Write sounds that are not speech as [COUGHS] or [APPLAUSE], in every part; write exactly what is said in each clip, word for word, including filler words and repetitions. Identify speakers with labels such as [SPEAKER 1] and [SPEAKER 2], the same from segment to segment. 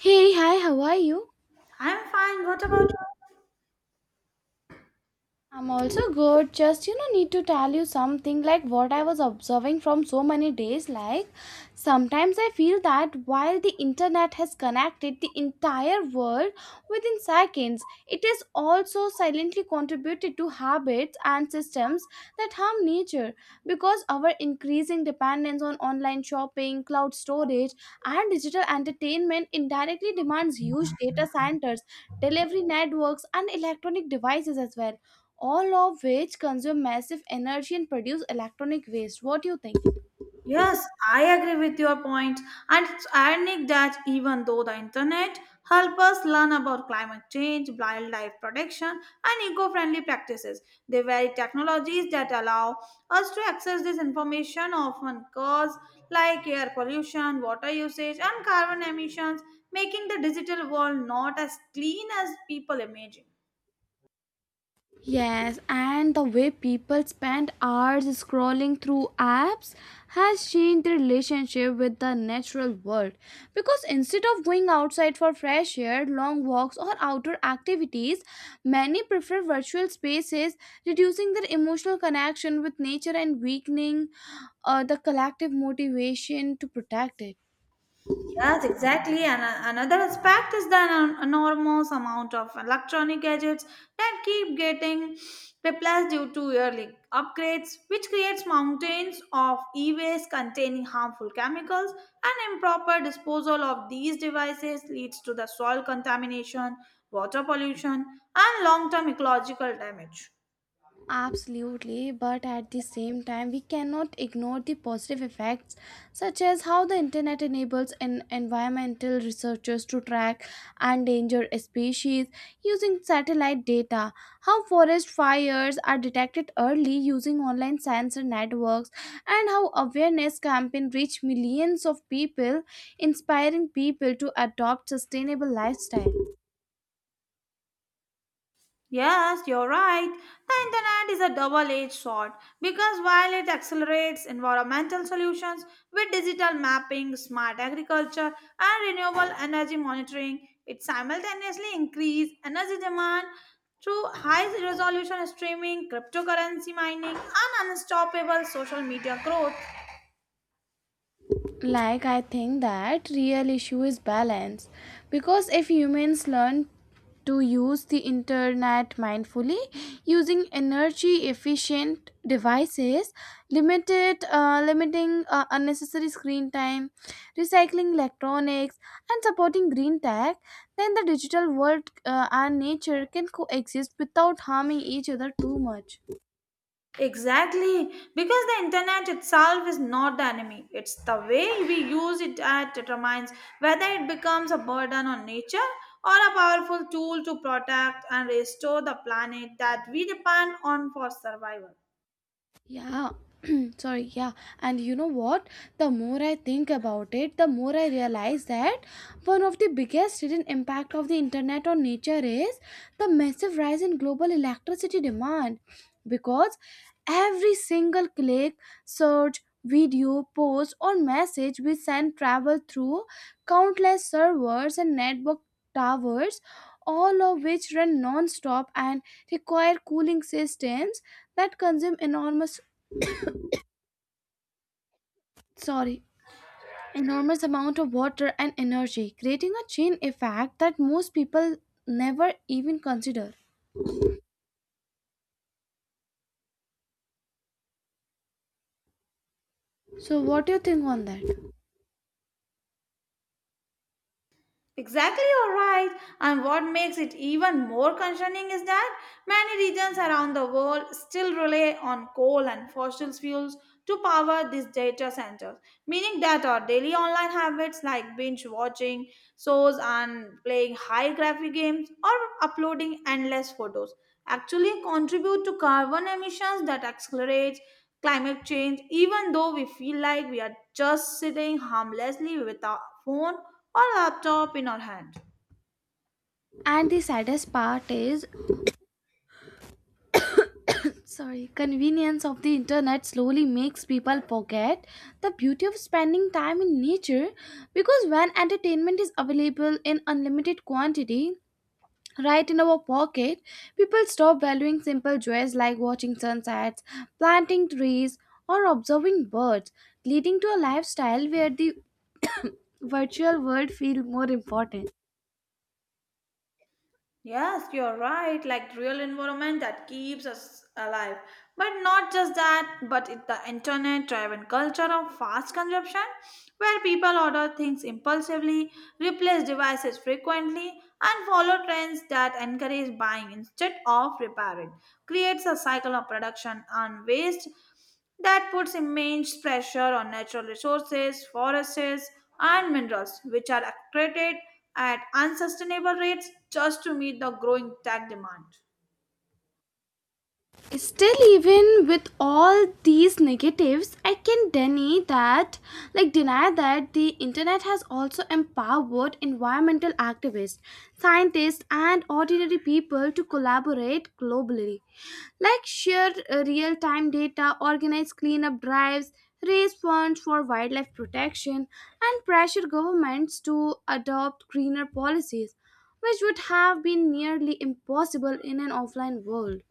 [SPEAKER 1] Hey, hi, how are you?
[SPEAKER 2] I'm fine. What about you?
[SPEAKER 1] I'm also good. Just, you know, need to tell you something like what I was observing from so many days. Like, sometimes I feel that while the internet has connected the entire world within seconds, it has also silently contributed to habits and systems that harm nature because our increasing dependence on online shopping, cloud storage, and digital entertainment indirectly demands huge data centers, delivery networks, and electronic devices as well, all of which consume massive energy and produce electronic waste. What do you think?
[SPEAKER 2] Yes, I agree with your point. And it's ironic that even though the internet help us learn about climate change, wildlife protection, and eco-friendly practices, the very technologies that allow us to access this information often cause like air pollution, water usage, and carbon emissions, making the digital world not as clean as people imagine.
[SPEAKER 1] Yes, and the way people spend hours scrolling through apps has changed their relationship with the natural world. Because instead of going outside for fresh air, long walks, or outdoor activities, many prefer virtual spaces, reducing their emotional connection with nature and weakening uh, the collective motivation to protect it.
[SPEAKER 2] Yes, exactly. And uh, another aspect is the en- enormous amount of electronic gadgets that keep getting replaced due to yearly upgrades, which creates mountains of e-waste containing harmful chemicals. And improper disposal of these devices leads to the soil contamination, water pollution, and long-term ecological damage.
[SPEAKER 1] Absolutely, but at the same time, we cannot ignore the positive effects, such as how the internet enables en- environmental researchers to track endangered species using satellite data, how forest fires are detected early using online sensor networks, and how awareness campaigns reach millions of people, inspiring people to adopt sustainable lifestyle.
[SPEAKER 2] Yes, you're right. The internet is a double edged sword because while it accelerates environmental solutions with digital mapping, smart agriculture, and renewable energy monitoring, it simultaneously increases energy demand through high resolution streaming, cryptocurrency mining, and unstoppable social media growth.
[SPEAKER 1] Like, I think that real issue is balance because if humans learn to use the internet mindfully, using energy efficient devices, limited uh, limiting uh, unnecessary screen time, recycling electronics, and supporting green tech, then the digital world uh, and nature can coexist without harming each other too much.
[SPEAKER 2] Exactly, because the internet itself is not the enemy. It's the way we use it that determines whether it becomes a burden on nature or a powerful tool to protect and restore the planet that we depend on for survival.
[SPEAKER 1] Yeah, [CLEARS THROAT] sorry, yeah. And you know what? The more I think about it, the more I realize that one of the biggest hidden impact of the internet on nature is the massive rise in global electricity demand. Because every single click, search, video, post, or message we send travel through countless servers and network towers, all of which run non-stop and require cooling systems that consume enormous, sorry, enormous amount of water and energy, creating a chain effect that most people never even consider. So what do you think on that?
[SPEAKER 2] Exactly, you're right. And what makes it even more concerning is that many regions around the world still rely on coal and fossil fuels to power these data centers, meaning that our daily online habits like binge watching shows and playing high graphic games or uploading endless photos actually contribute to carbon emissions that accelerate climate change even though we feel like we are just sitting harmlessly with our phone or laptop in our hand.
[SPEAKER 1] And the saddest part is, sorry, convenience of the internet slowly makes people forget the beauty of spending time in nature because when entertainment is available in unlimited quantity, right in our pocket, people stop valuing simple joys like watching sunsets, planting trees, or observing birds, leading to a lifestyle where the [CLEARS THROAT] [COUGHS] virtual world feels more important.
[SPEAKER 2] Yes, you're right, like the real environment that keeps us alive. But not just that, but it, the internet driven culture of fast consumption, where people order things impulsively, replace devices frequently, and follow trends that encourage buying instead of repairing, creates a cycle of production and waste that puts immense pressure on natural resources, forests, and minerals, which are accreted at unsustainable rates just to meet the growing tech demand.
[SPEAKER 1] Still, even with all these negatives, I can deny that, like deny that the internet has also empowered environmental activists, scientists, and ordinary people to collaborate globally, like share uh, real-time data, organize cleanup drives, raise funds for wildlife protection, and pressure governments to adopt greener policies, which would have been nearly impossible in an offline world.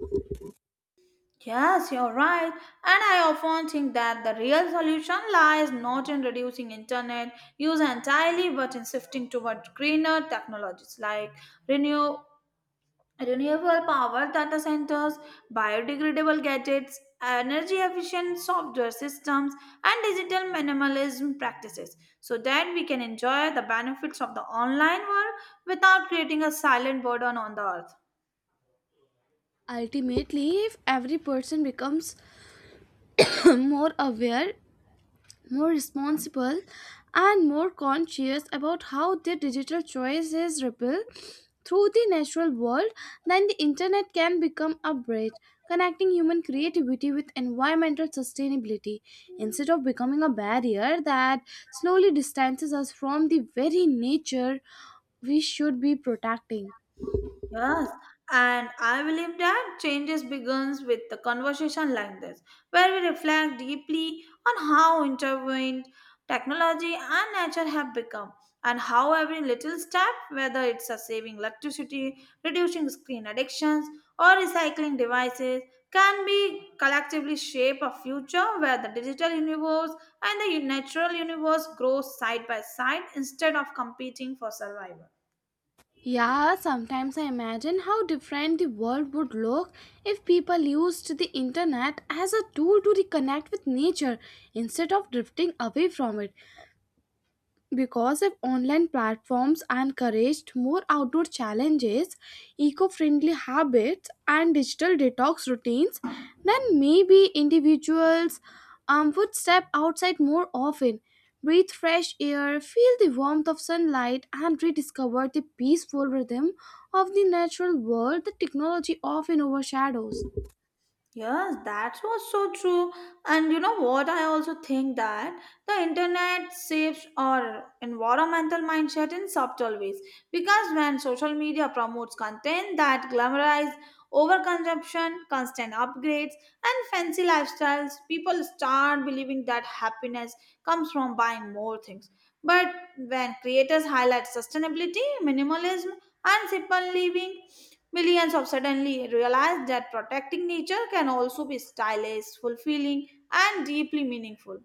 [SPEAKER 2] Yes, you're right. And I often think that the real solution lies not in reducing internet use entirely but in shifting toward greener technologies like renew. Renewable power data centers, biodegradable gadgets, energy efficient software systems, and digital minimalism practices so that we can enjoy the benefits of the online world without creating a silent burden on the earth.
[SPEAKER 1] Ultimately, if every person becomes [COUGHS] [CLEARS THROAT] more aware, more responsible, and more conscious about how their digital choices ripple through the natural world, then the internet can become a bridge connecting human creativity with environmental sustainability instead of becoming a barrier that slowly distances us from the very nature we should be protecting.
[SPEAKER 2] Yes, and I believe that changes begins with the conversation like this, where we reflect deeply on how intertwined technology and nature have become, and how every little step, whether it's a saving electricity, reducing screen addictions, or recycling devices, can be collectively shape a future where the digital universe and the natural universe grow side by side instead of competing for survival.
[SPEAKER 1] Yeah, sometimes I imagine how different the world would look if people used the internet as a tool to reconnect with nature instead of drifting away from it. Because if online platforms encouraged more outdoor challenges, eco friendly habits, and digital detox routines, then maybe individuals um, would step outside more often, breathe fresh air, feel the warmth of sunlight, and rediscover the peaceful rhythm of the natural world that technology often overshadows.
[SPEAKER 2] Yes, that was so true. And you know what? I also think that the internet shapes our environmental mindset in subtle ways. Because when social media promotes content that glamorize overconsumption, constant upgrades, and fancy lifestyles, people start believing that happiness comes from buying more things. But when creators highlight sustainability, minimalism, and simple living, millions of suddenly realized that protecting nature can also be stylish, fulfilling, and deeply meaningful.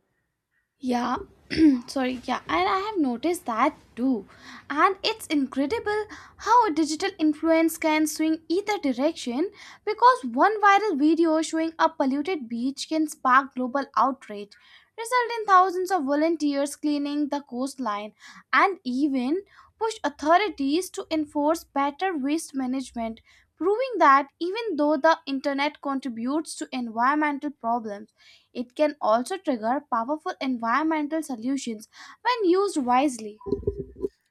[SPEAKER 1] Yeah, [CLEARS THROAT] sorry, yeah, and I have noticed that too. And it's incredible how a digital influence can swing either direction because one viral video showing a polluted beach can spark global outrage, result in thousands of volunteers cleaning the coastline, and even push authorities to enforce better waste management, proving that even though the internet contributes to environmental problems, it can also trigger powerful environmental solutions when used wisely.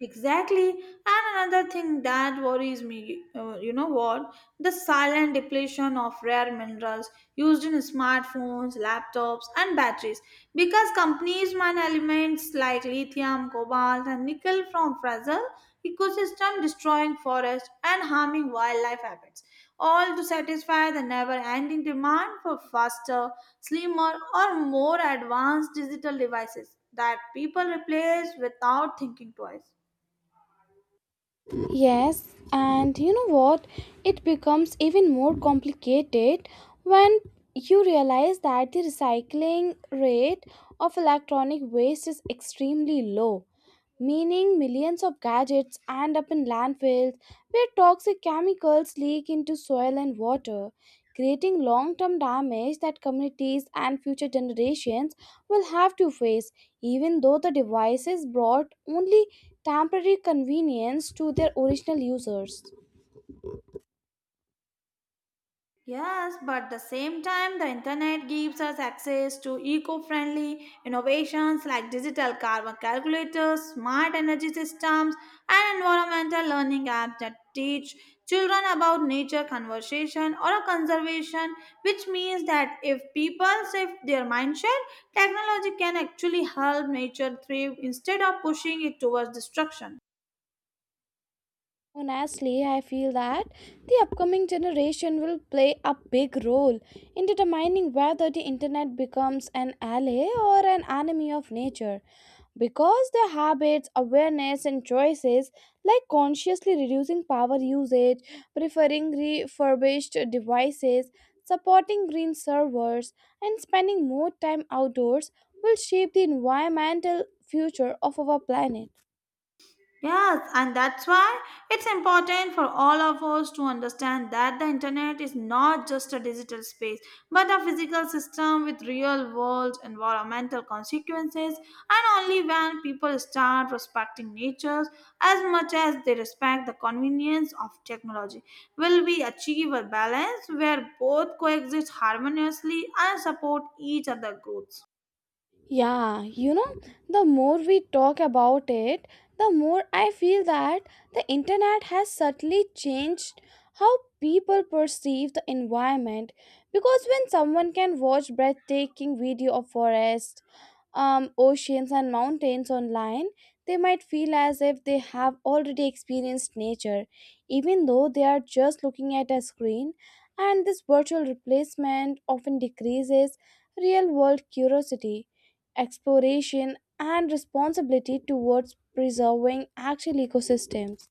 [SPEAKER 2] Exactly. And another thing that worries me, uh, you know what? The silent depletion of rare minerals used in smartphones, laptops, and batteries. Because companies mine elements like lithium, cobalt, and nickel from fragile ecosystem, destroying forests and harming wildlife habits, all to satisfy the never-ending demand for faster, slimmer, or more advanced digital devices that people replace without thinking twice.
[SPEAKER 1] Yes, and you know what? It becomes even more complicated when you realize that the recycling rate of electronic waste is extremely low, meaning millions of gadgets end up in landfills where toxic chemicals leak into soil and water, creating long term damage that communities and future generations will have to face, even though the devices brought only temporary convenience to their original users.
[SPEAKER 2] Yes, but at the same time, the internet gives us access to eco-friendly innovations like digital carbon calculators, smart energy systems, and environmental learning apps that teach children about nature conservation or conservation, which means that if people shift their mindset, technology can actually help nature thrive instead of pushing it towards destruction.
[SPEAKER 1] Honestly, I feel that the upcoming generation will play a big role in determining whether the internet becomes an ally or an enemy of nature because their habits, awareness, and choices, like consciously reducing power usage, preferring refurbished devices, supporting green servers, and spending more time outdoors, will shape the environmental future of our planet.
[SPEAKER 2] Yes, and that's why it's important for all of us to understand that the internet is not just a digital space, but a physical system with real world environmental consequences. And only when people start respecting nature as much as they respect the convenience of technology will we achieve a balance where both coexist harmoniously and support each other's growth.
[SPEAKER 1] Yeah, you know, the more we talk about it, the more I feel that the internet has subtly changed how people perceive the environment. Because when someone can watch breathtaking video of forests, um, oceans, and mountains online, they might feel as if they have already experienced nature, even though they are just looking at a screen. And this virtual replacement often decreases real world curiosity, exploration, and responsibility towards preserving actual ecosystems.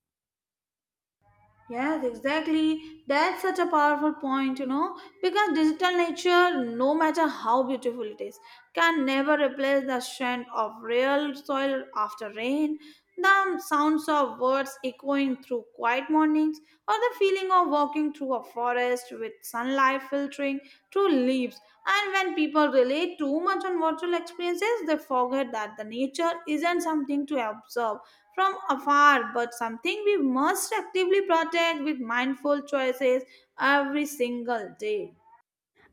[SPEAKER 2] Yes, exactly. That's such a powerful point, you know, because digital nature, no matter how beautiful it is, can never replace the strength of real soil after rain, the sounds of birds echoing through quiet mornings, or the feeling of walking through a forest with sunlight filtering through leaves. And when people rely too much on virtual experiences, they forget that the nature isn't something to observe from afar, but something we must actively protect with mindful choices every single day.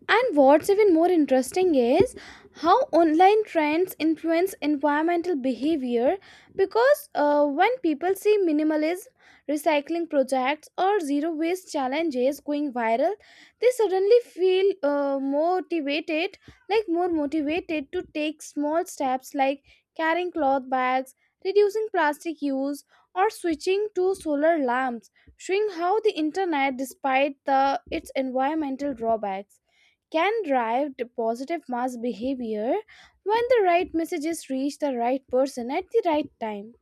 [SPEAKER 1] And what's even more interesting is how online trends influence environmental behavior because uh, when people see minimalism, recycling projects, or zero waste challenges going viral, they suddenly feel uh, motivated, like more motivated to take small steps like carrying cloth bags, reducing plastic use, or switching to solar lamps, showing how the internet, despite the, its environmental drawbacks, can drive the positive mass behavior when the right messages reach the right person at the right time.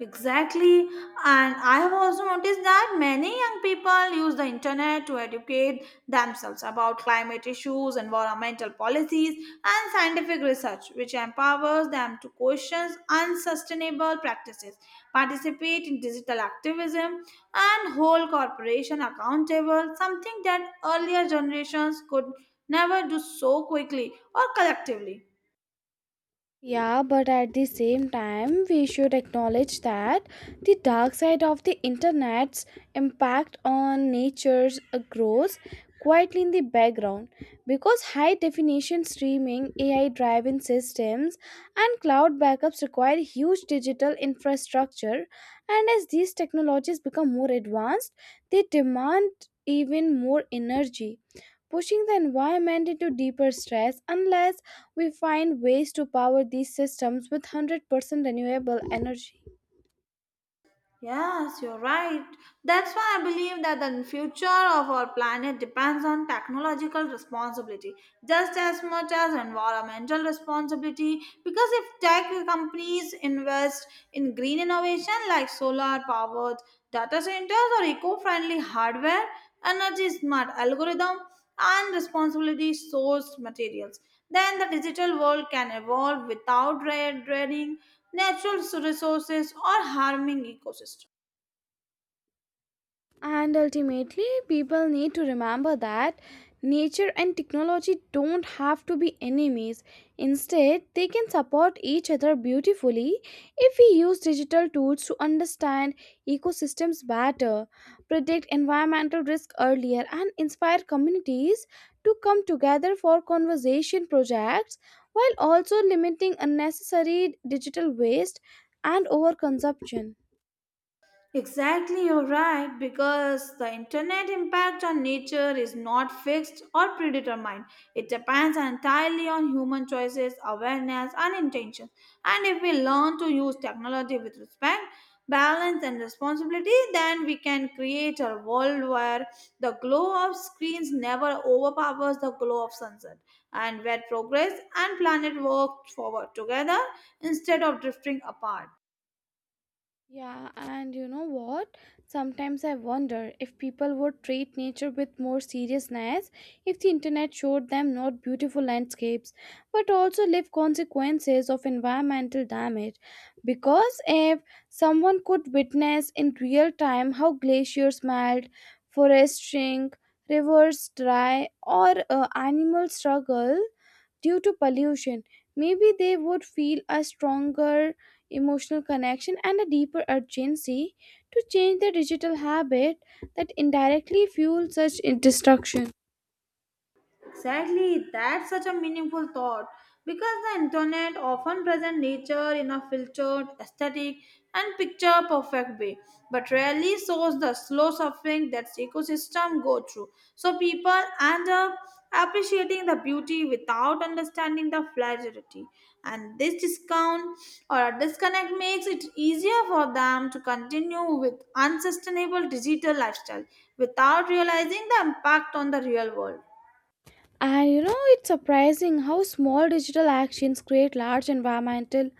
[SPEAKER 2] Exactly, and I have also noticed that many young people use the internet to educate themselves about climate issues, environmental policies, and scientific research, which empowers them to question unsustainable practices, participate in digital activism, and hold corporations accountable, something that earlier generations could never do so quickly or collectively.
[SPEAKER 1] Yeah, but at the same time, we should acknowledge that the dark side of the internet's impact on nature's grows quietly in the background because high definition streaming, A I driven systems, and cloud backups require huge digital infrastructure. And as these technologies become more advanced, they demand even more energy. Pushing the environment into deeper stress unless we find ways to power these systems with one hundred percent renewable energy.
[SPEAKER 2] Yes, you're right. That's why I believe that the future of our planet depends on technological responsibility just as much as environmental responsibility. Because if tech companies invest in green innovation like solar powered data centers or eco friendly hardware, energy smart algorithm, and responsibility sourced materials, then the digital world can evolve without red dreading natural resources, or harming ecosystem.
[SPEAKER 1] And ultimately, people need to remember that nature and technology don't have to be enemies. Instead, they can support each other beautifully if we use digital tools to understand ecosystems better, predict environmental risk earlier, and inspire communities to come together for conservation projects while also limiting unnecessary digital waste and overconsumption.
[SPEAKER 2] Exactly, you're right, because the internet impact on nature is not fixed or predetermined. It depends entirely on human choices, awareness, and intention. And if we learn to use technology with respect, balance, and responsibility, then we can create a world where the glow of screens never overpowers the glow of sunset, and where progress and planet work forward together instead of drifting apart.
[SPEAKER 1] Yeah, and you know what? Sometimes I wonder if people would treat nature with more seriousness if the internet showed them not beautiful landscapes but also live consequences of environmental damage. Because if someone could witness in real time how glaciers melt, forests shrink, rivers dry, or uh, animals struggle, due to pollution, maybe they would feel a stronger emotional connection and a deeper urgency to change their digital habit that indirectly fuels such destruction.
[SPEAKER 2] Exactly, that's such a meaningful thought because the internet often presents nature in a filtered, aesthetic, and picture perfect way, but rarely shows the slow suffering that ecosystem go through. So people end up appreciating the beauty without understanding the fragility, and this discount or a disconnect makes it easier for them to continue with unsustainable digital lifestyle without realizing the impact on the real world.
[SPEAKER 1] And you know, it's surprising how small digital actions create large environmental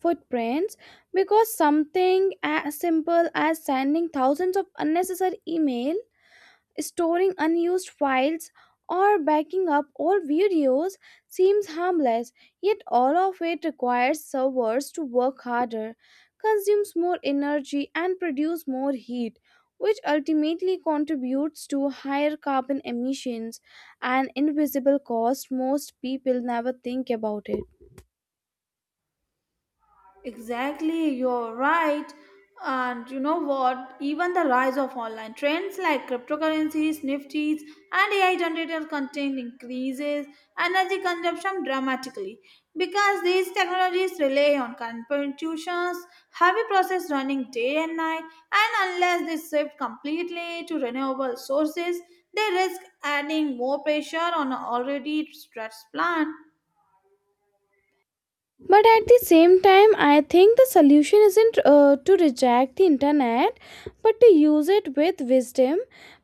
[SPEAKER 1] footprints because something as simple as sending thousands of unnecessary email, storing unused files, or backing up old videos seems harmless, yet all of it requires servers to work harder, consumes more energy, and produce more heat, which ultimately contributes to higher carbon emissions, an invisible cost most people never think about it.
[SPEAKER 2] Exactly, you're right. And you know what? Even the rise of online trends like cryptocurrencies, nifties, and A I generated content increases energy consumption dramatically because these technologies rely on computations, heavy process running day and night, and unless they shift completely to renewable sources, they risk adding more pressure on an already stressed plant.
[SPEAKER 1] But at the same time, I think the solution isn't uh, to reject the internet, but to use it with wisdom,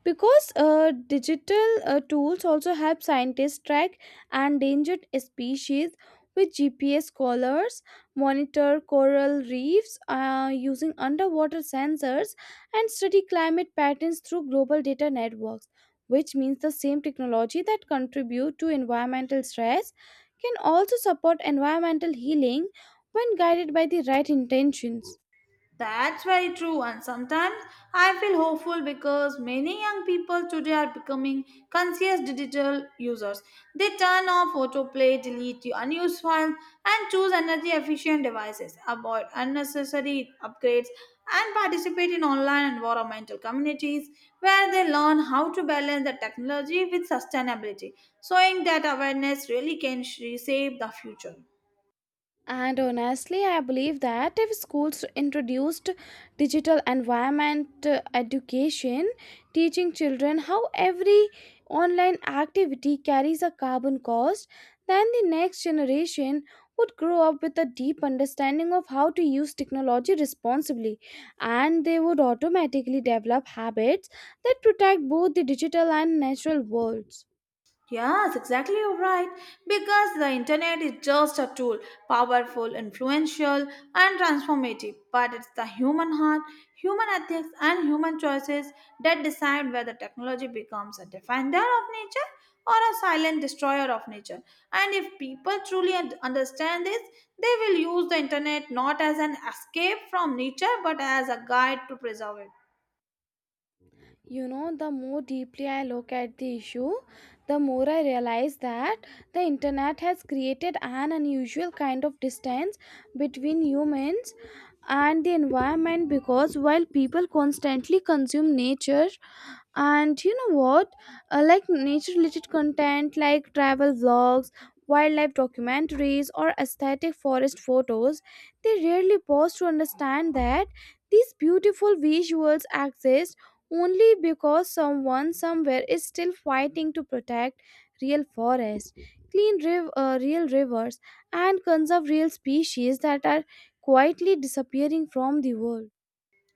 [SPEAKER 1] because uh, digital uh, tools also help scientists track endangered species with G P S collars, monitor coral reefs uh, using underwater sensors, and study climate patterns through global data networks. Which means the same technology that contribute to environmental stress can also support environmental healing when guided by the right intentions.
[SPEAKER 2] That's very true, and sometimes I feel hopeful because many young people today are becoming conscious digital users. They turn off autoplay, delete the unused files, and choose energy efficient devices, avoid unnecessary upgrades, and participate in online environmental communities where they learn how to balance the technology with sustainability, showing that awareness really can reshape the future.
[SPEAKER 1] And honestly, I believe that if schools introduced digital environment uh, education, teaching children how every online activity carries a carbon cost, then the next generation would grow up with a deep understanding of how to use technology responsibly, and they would automatically develop habits that protect both the digital and natural worlds.
[SPEAKER 2] Yes, exactly, you're right. Because the internet is just a tool, powerful, influential, and transformative. But it's the human heart, human ethics, and human choices that decide whether technology becomes a defender of nature or a silent destroyer of nature. And if people truly un- understand this, they will use the internet not as an escape from nature but as a guide to preserve it.
[SPEAKER 1] You know, the more deeply I look at the issue, the more I realize that the internet has created an unusual kind of distance between humans and the environment because while people constantly consume nature, and you know what, uh, like nature related content like travel vlogs, wildlife documentaries, or aesthetic forest photos, they rarely pause to understand that these beautiful visuals exist only because someone somewhere is still fighting to protect real forests, clean riv- uh, real rivers, and conserve real species that are quietly disappearing from the world.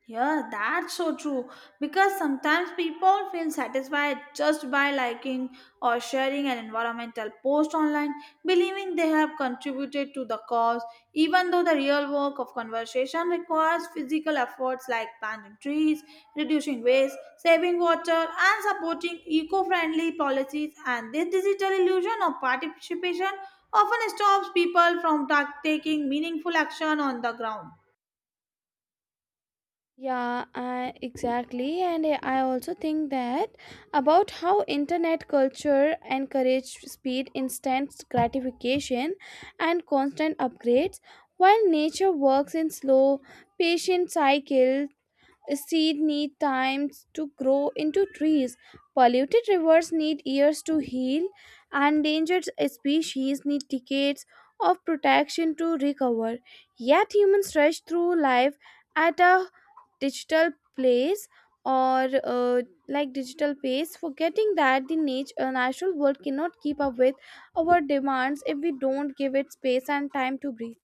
[SPEAKER 2] Yeah, that's so true. Because sometimes people feel satisfied just by liking or sharing an environmental post online, believing they have contributed to the cause, even though the real work of conservation requires physical efforts like planting trees, reducing waste, saving water, and supporting eco friendly policies. And this digital illusion of participation often stops people from ta- taking meaningful action on the ground.
[SPEAKER 1] Yeah, I, exactly. And I I also think that about how internet culture encouraged speed, instant gratification, and constant upgrades, while nature works in slow, patient cycles. Seeds need time to grow into trees. Polluted rivers need years to heal. Endangered species need decades of protection to recover. Yet humans rush through life at a digital place or uh, like digital pace, forgetting that the nature, uh, natural world cannot keep up with our demands if we don't give it space and time to breathe.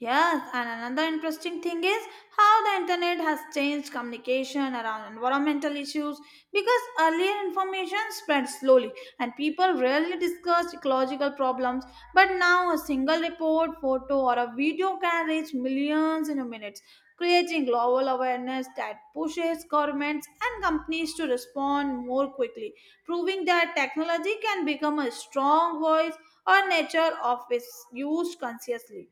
[SPEAKER 2] Yes, and another interesting thing is how the internet has changed communication around environmental issues because earlier information spread slowly and people rarely discussed ecological problems. But now, a single report, photo, or a video can reach millions in a minute, creating global awareness that pushes governments and companies to respond more quickly, proving that technology can become a strong voice or nature of its used consciously.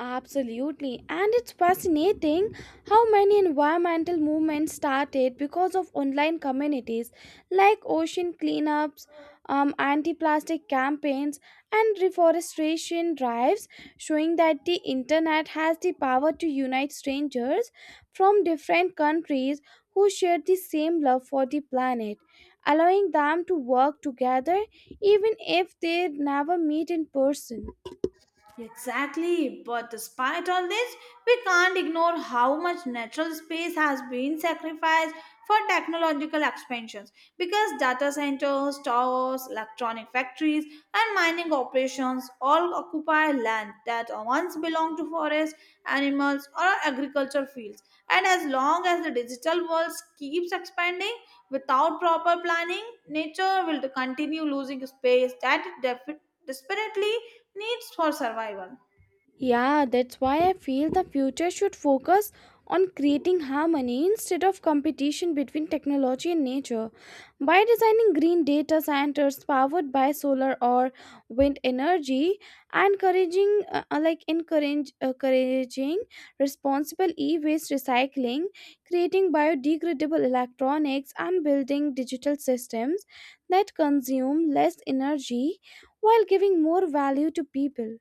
[SPEAKER 1] Absolutely, and it's fascinating how many environmental movements started because of online communities like ocean cleanups, um, anti plastic campaigns, and reforestation drives, showing that the internet has the power to unite strangers from different countries who share the same love for the planet, allowing them to work together even if they never meet in person.
[SPEAKER 2] Exactly, but despite all this, we can't ignore how much natural space has been sacrificed for technological expansions because data centers, towers, electronic factories, and mining operations all occupy land that once belonged to forests, animals, or agricultural fields. And as long as the digital world keeps expanding without proper planning, nature will continue losing space that it def- desperately needs for survival.
[SPEAKER 1] Yeah, that's why I feel the future should focus on creating harmony instead of competition between technology and nature. By designing green data centers powered by solar or wind energy, and encouraging uh, uh, like encourage, uh, encouraging responsible e-waste recycling, creating biodegradable electronics, and building digital systems that consume less energy while giving more value to people.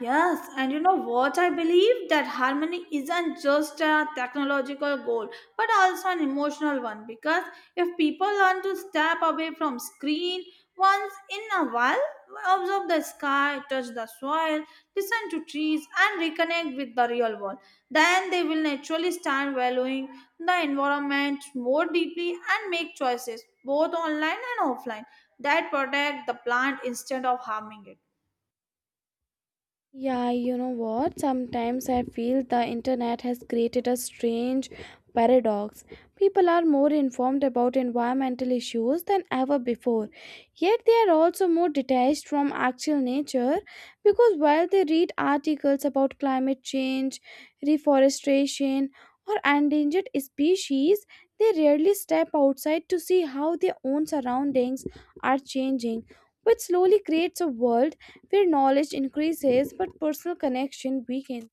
[SPEAKER 2] Yes, and you know what? I believe that harmony isn't just a technological goal but also an emotional one because if people learn to step away from screen once in a while, observe the sky, touch the soil, listen to trees, and reconnect with the real world, then they will naturally start valuing the environment more deeply and make choices both online and offline that protect the plant instead of harming it.
[SPEAKER 1] Yeah, you know what? Sometimes I feel the internet has created a strange paradox. People are more informed about environmental issues than ever before, yet they are also more detached from actual nature because while they read articles about climate change, reforestation, or endangered species, they rarely step outside to see how their own surroundings are changing, which slowly creates a world their knowledge increases, but personal connection weakens.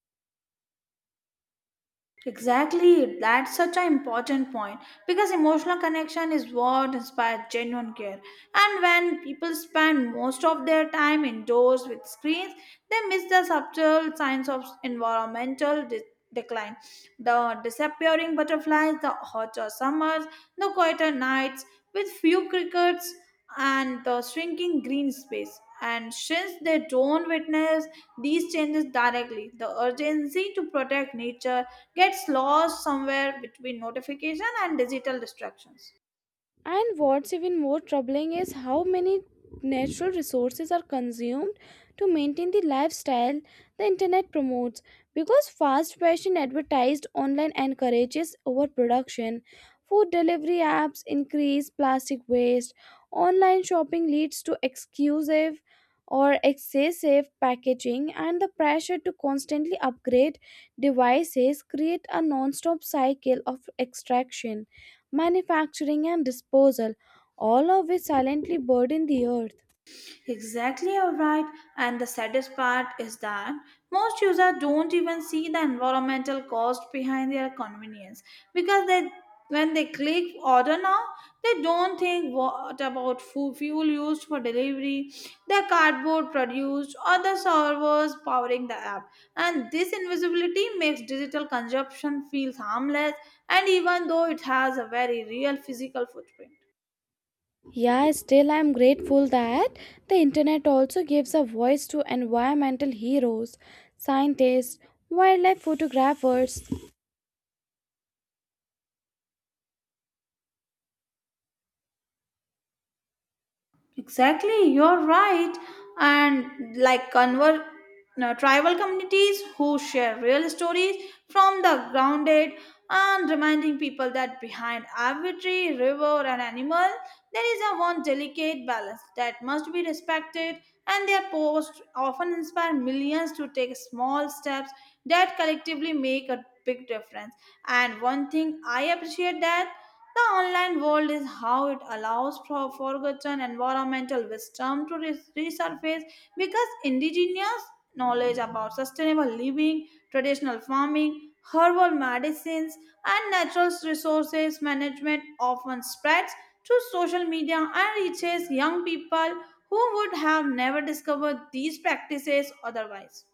[SPEAKER 2] Exactly, that's such an important point because emotional connection is what inspires genuine care. And when people spend most of their time indoors with screens, they miss the subtle signs of environmental de- decline the disappearing butterflies, the hotter summers, the quieter nights with few crickets, and the shrinking green space. And since they don't witness these changes directly, the urgency to protect nature gets lost somewhere between notification and digital distractions.
[SPEAKER 1] And what's even more troubling is how many natural resources are consumed to maintain the lifestyle the internet promotes. Because fast fashion advertised online encourages overproduction, food delivery apps increase plastic waste, online shopping leads to exclusive or excessive packaging, and the pressure to constantly upgrade devices create a non-stop cycle of extraction, manufacturing, and disposal, all of which silently burden the earth.
[SPEAKER 2] Exactly, alright. And the saddest part is that most users don't even see the environmental cost behind their convenience because they when they click order now, they don't think what about fu- fuel used for delivery, the cardboard produced, or the servers powering the app. And this invisibility makes digital consumption feel harmless, and even though it has a very real physical footprint.
[SPEAKER 1] Yeah, still I'm grateful that the internet also gives a voice to environmental heroes, scientists, wildlife photographers.
[SPEAKER 2] Exactly, you're right. And like convert no, tribal communities who share real stories from the grounded and reminding people that behind every tree, river, and animal, there is a one delicate balance that must be respected. And their posts often inspire millions to take small steps that collectively make a big difference. And one thing I appreciate that the online world is how it allows for forgotten environmental wisdom to re- resurface because indigenous knowledge about sustainable living, traditional farming, herbal medicines, and natural resources management often spreads through social media and reaches young people who would have never discovered these practices otherwise.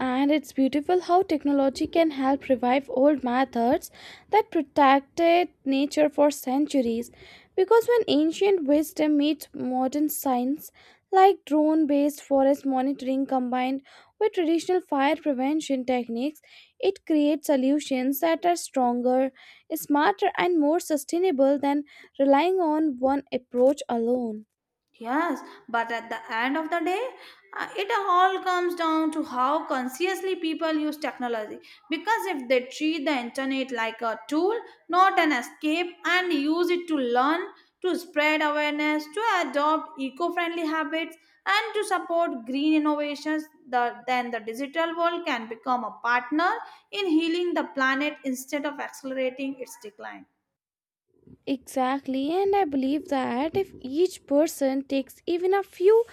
[SPEAKER 1] And it's beautiful how technology can help revive old methods that protected nature for centuries. Because when ancient wisdom meets modern science, like drone based forest monitoring combined with traditional fire prevention techniques, it creates solutions that are stronger, smarter, and more sustainable than relying on one approach alone.
[SPEAKER 2] Yes, but at the end of the day, uh, it all comes down to how consciously people use technology. Because if they treat the internet like a tool, not an escape, and use it to learn, to spread awareness, to adopt eco friendly habits, and to support green innovations, the, then the digital world can become a partner in healing the planet instead of accelerating its decline.
[SPEAKER 1] Exactly, and I believe that if each person takes even a few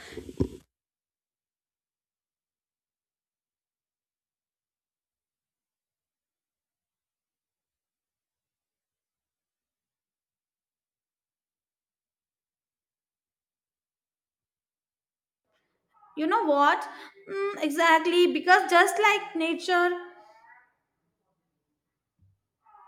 [SPEAKER 2] You know what? Mm, exactly, because just like nature,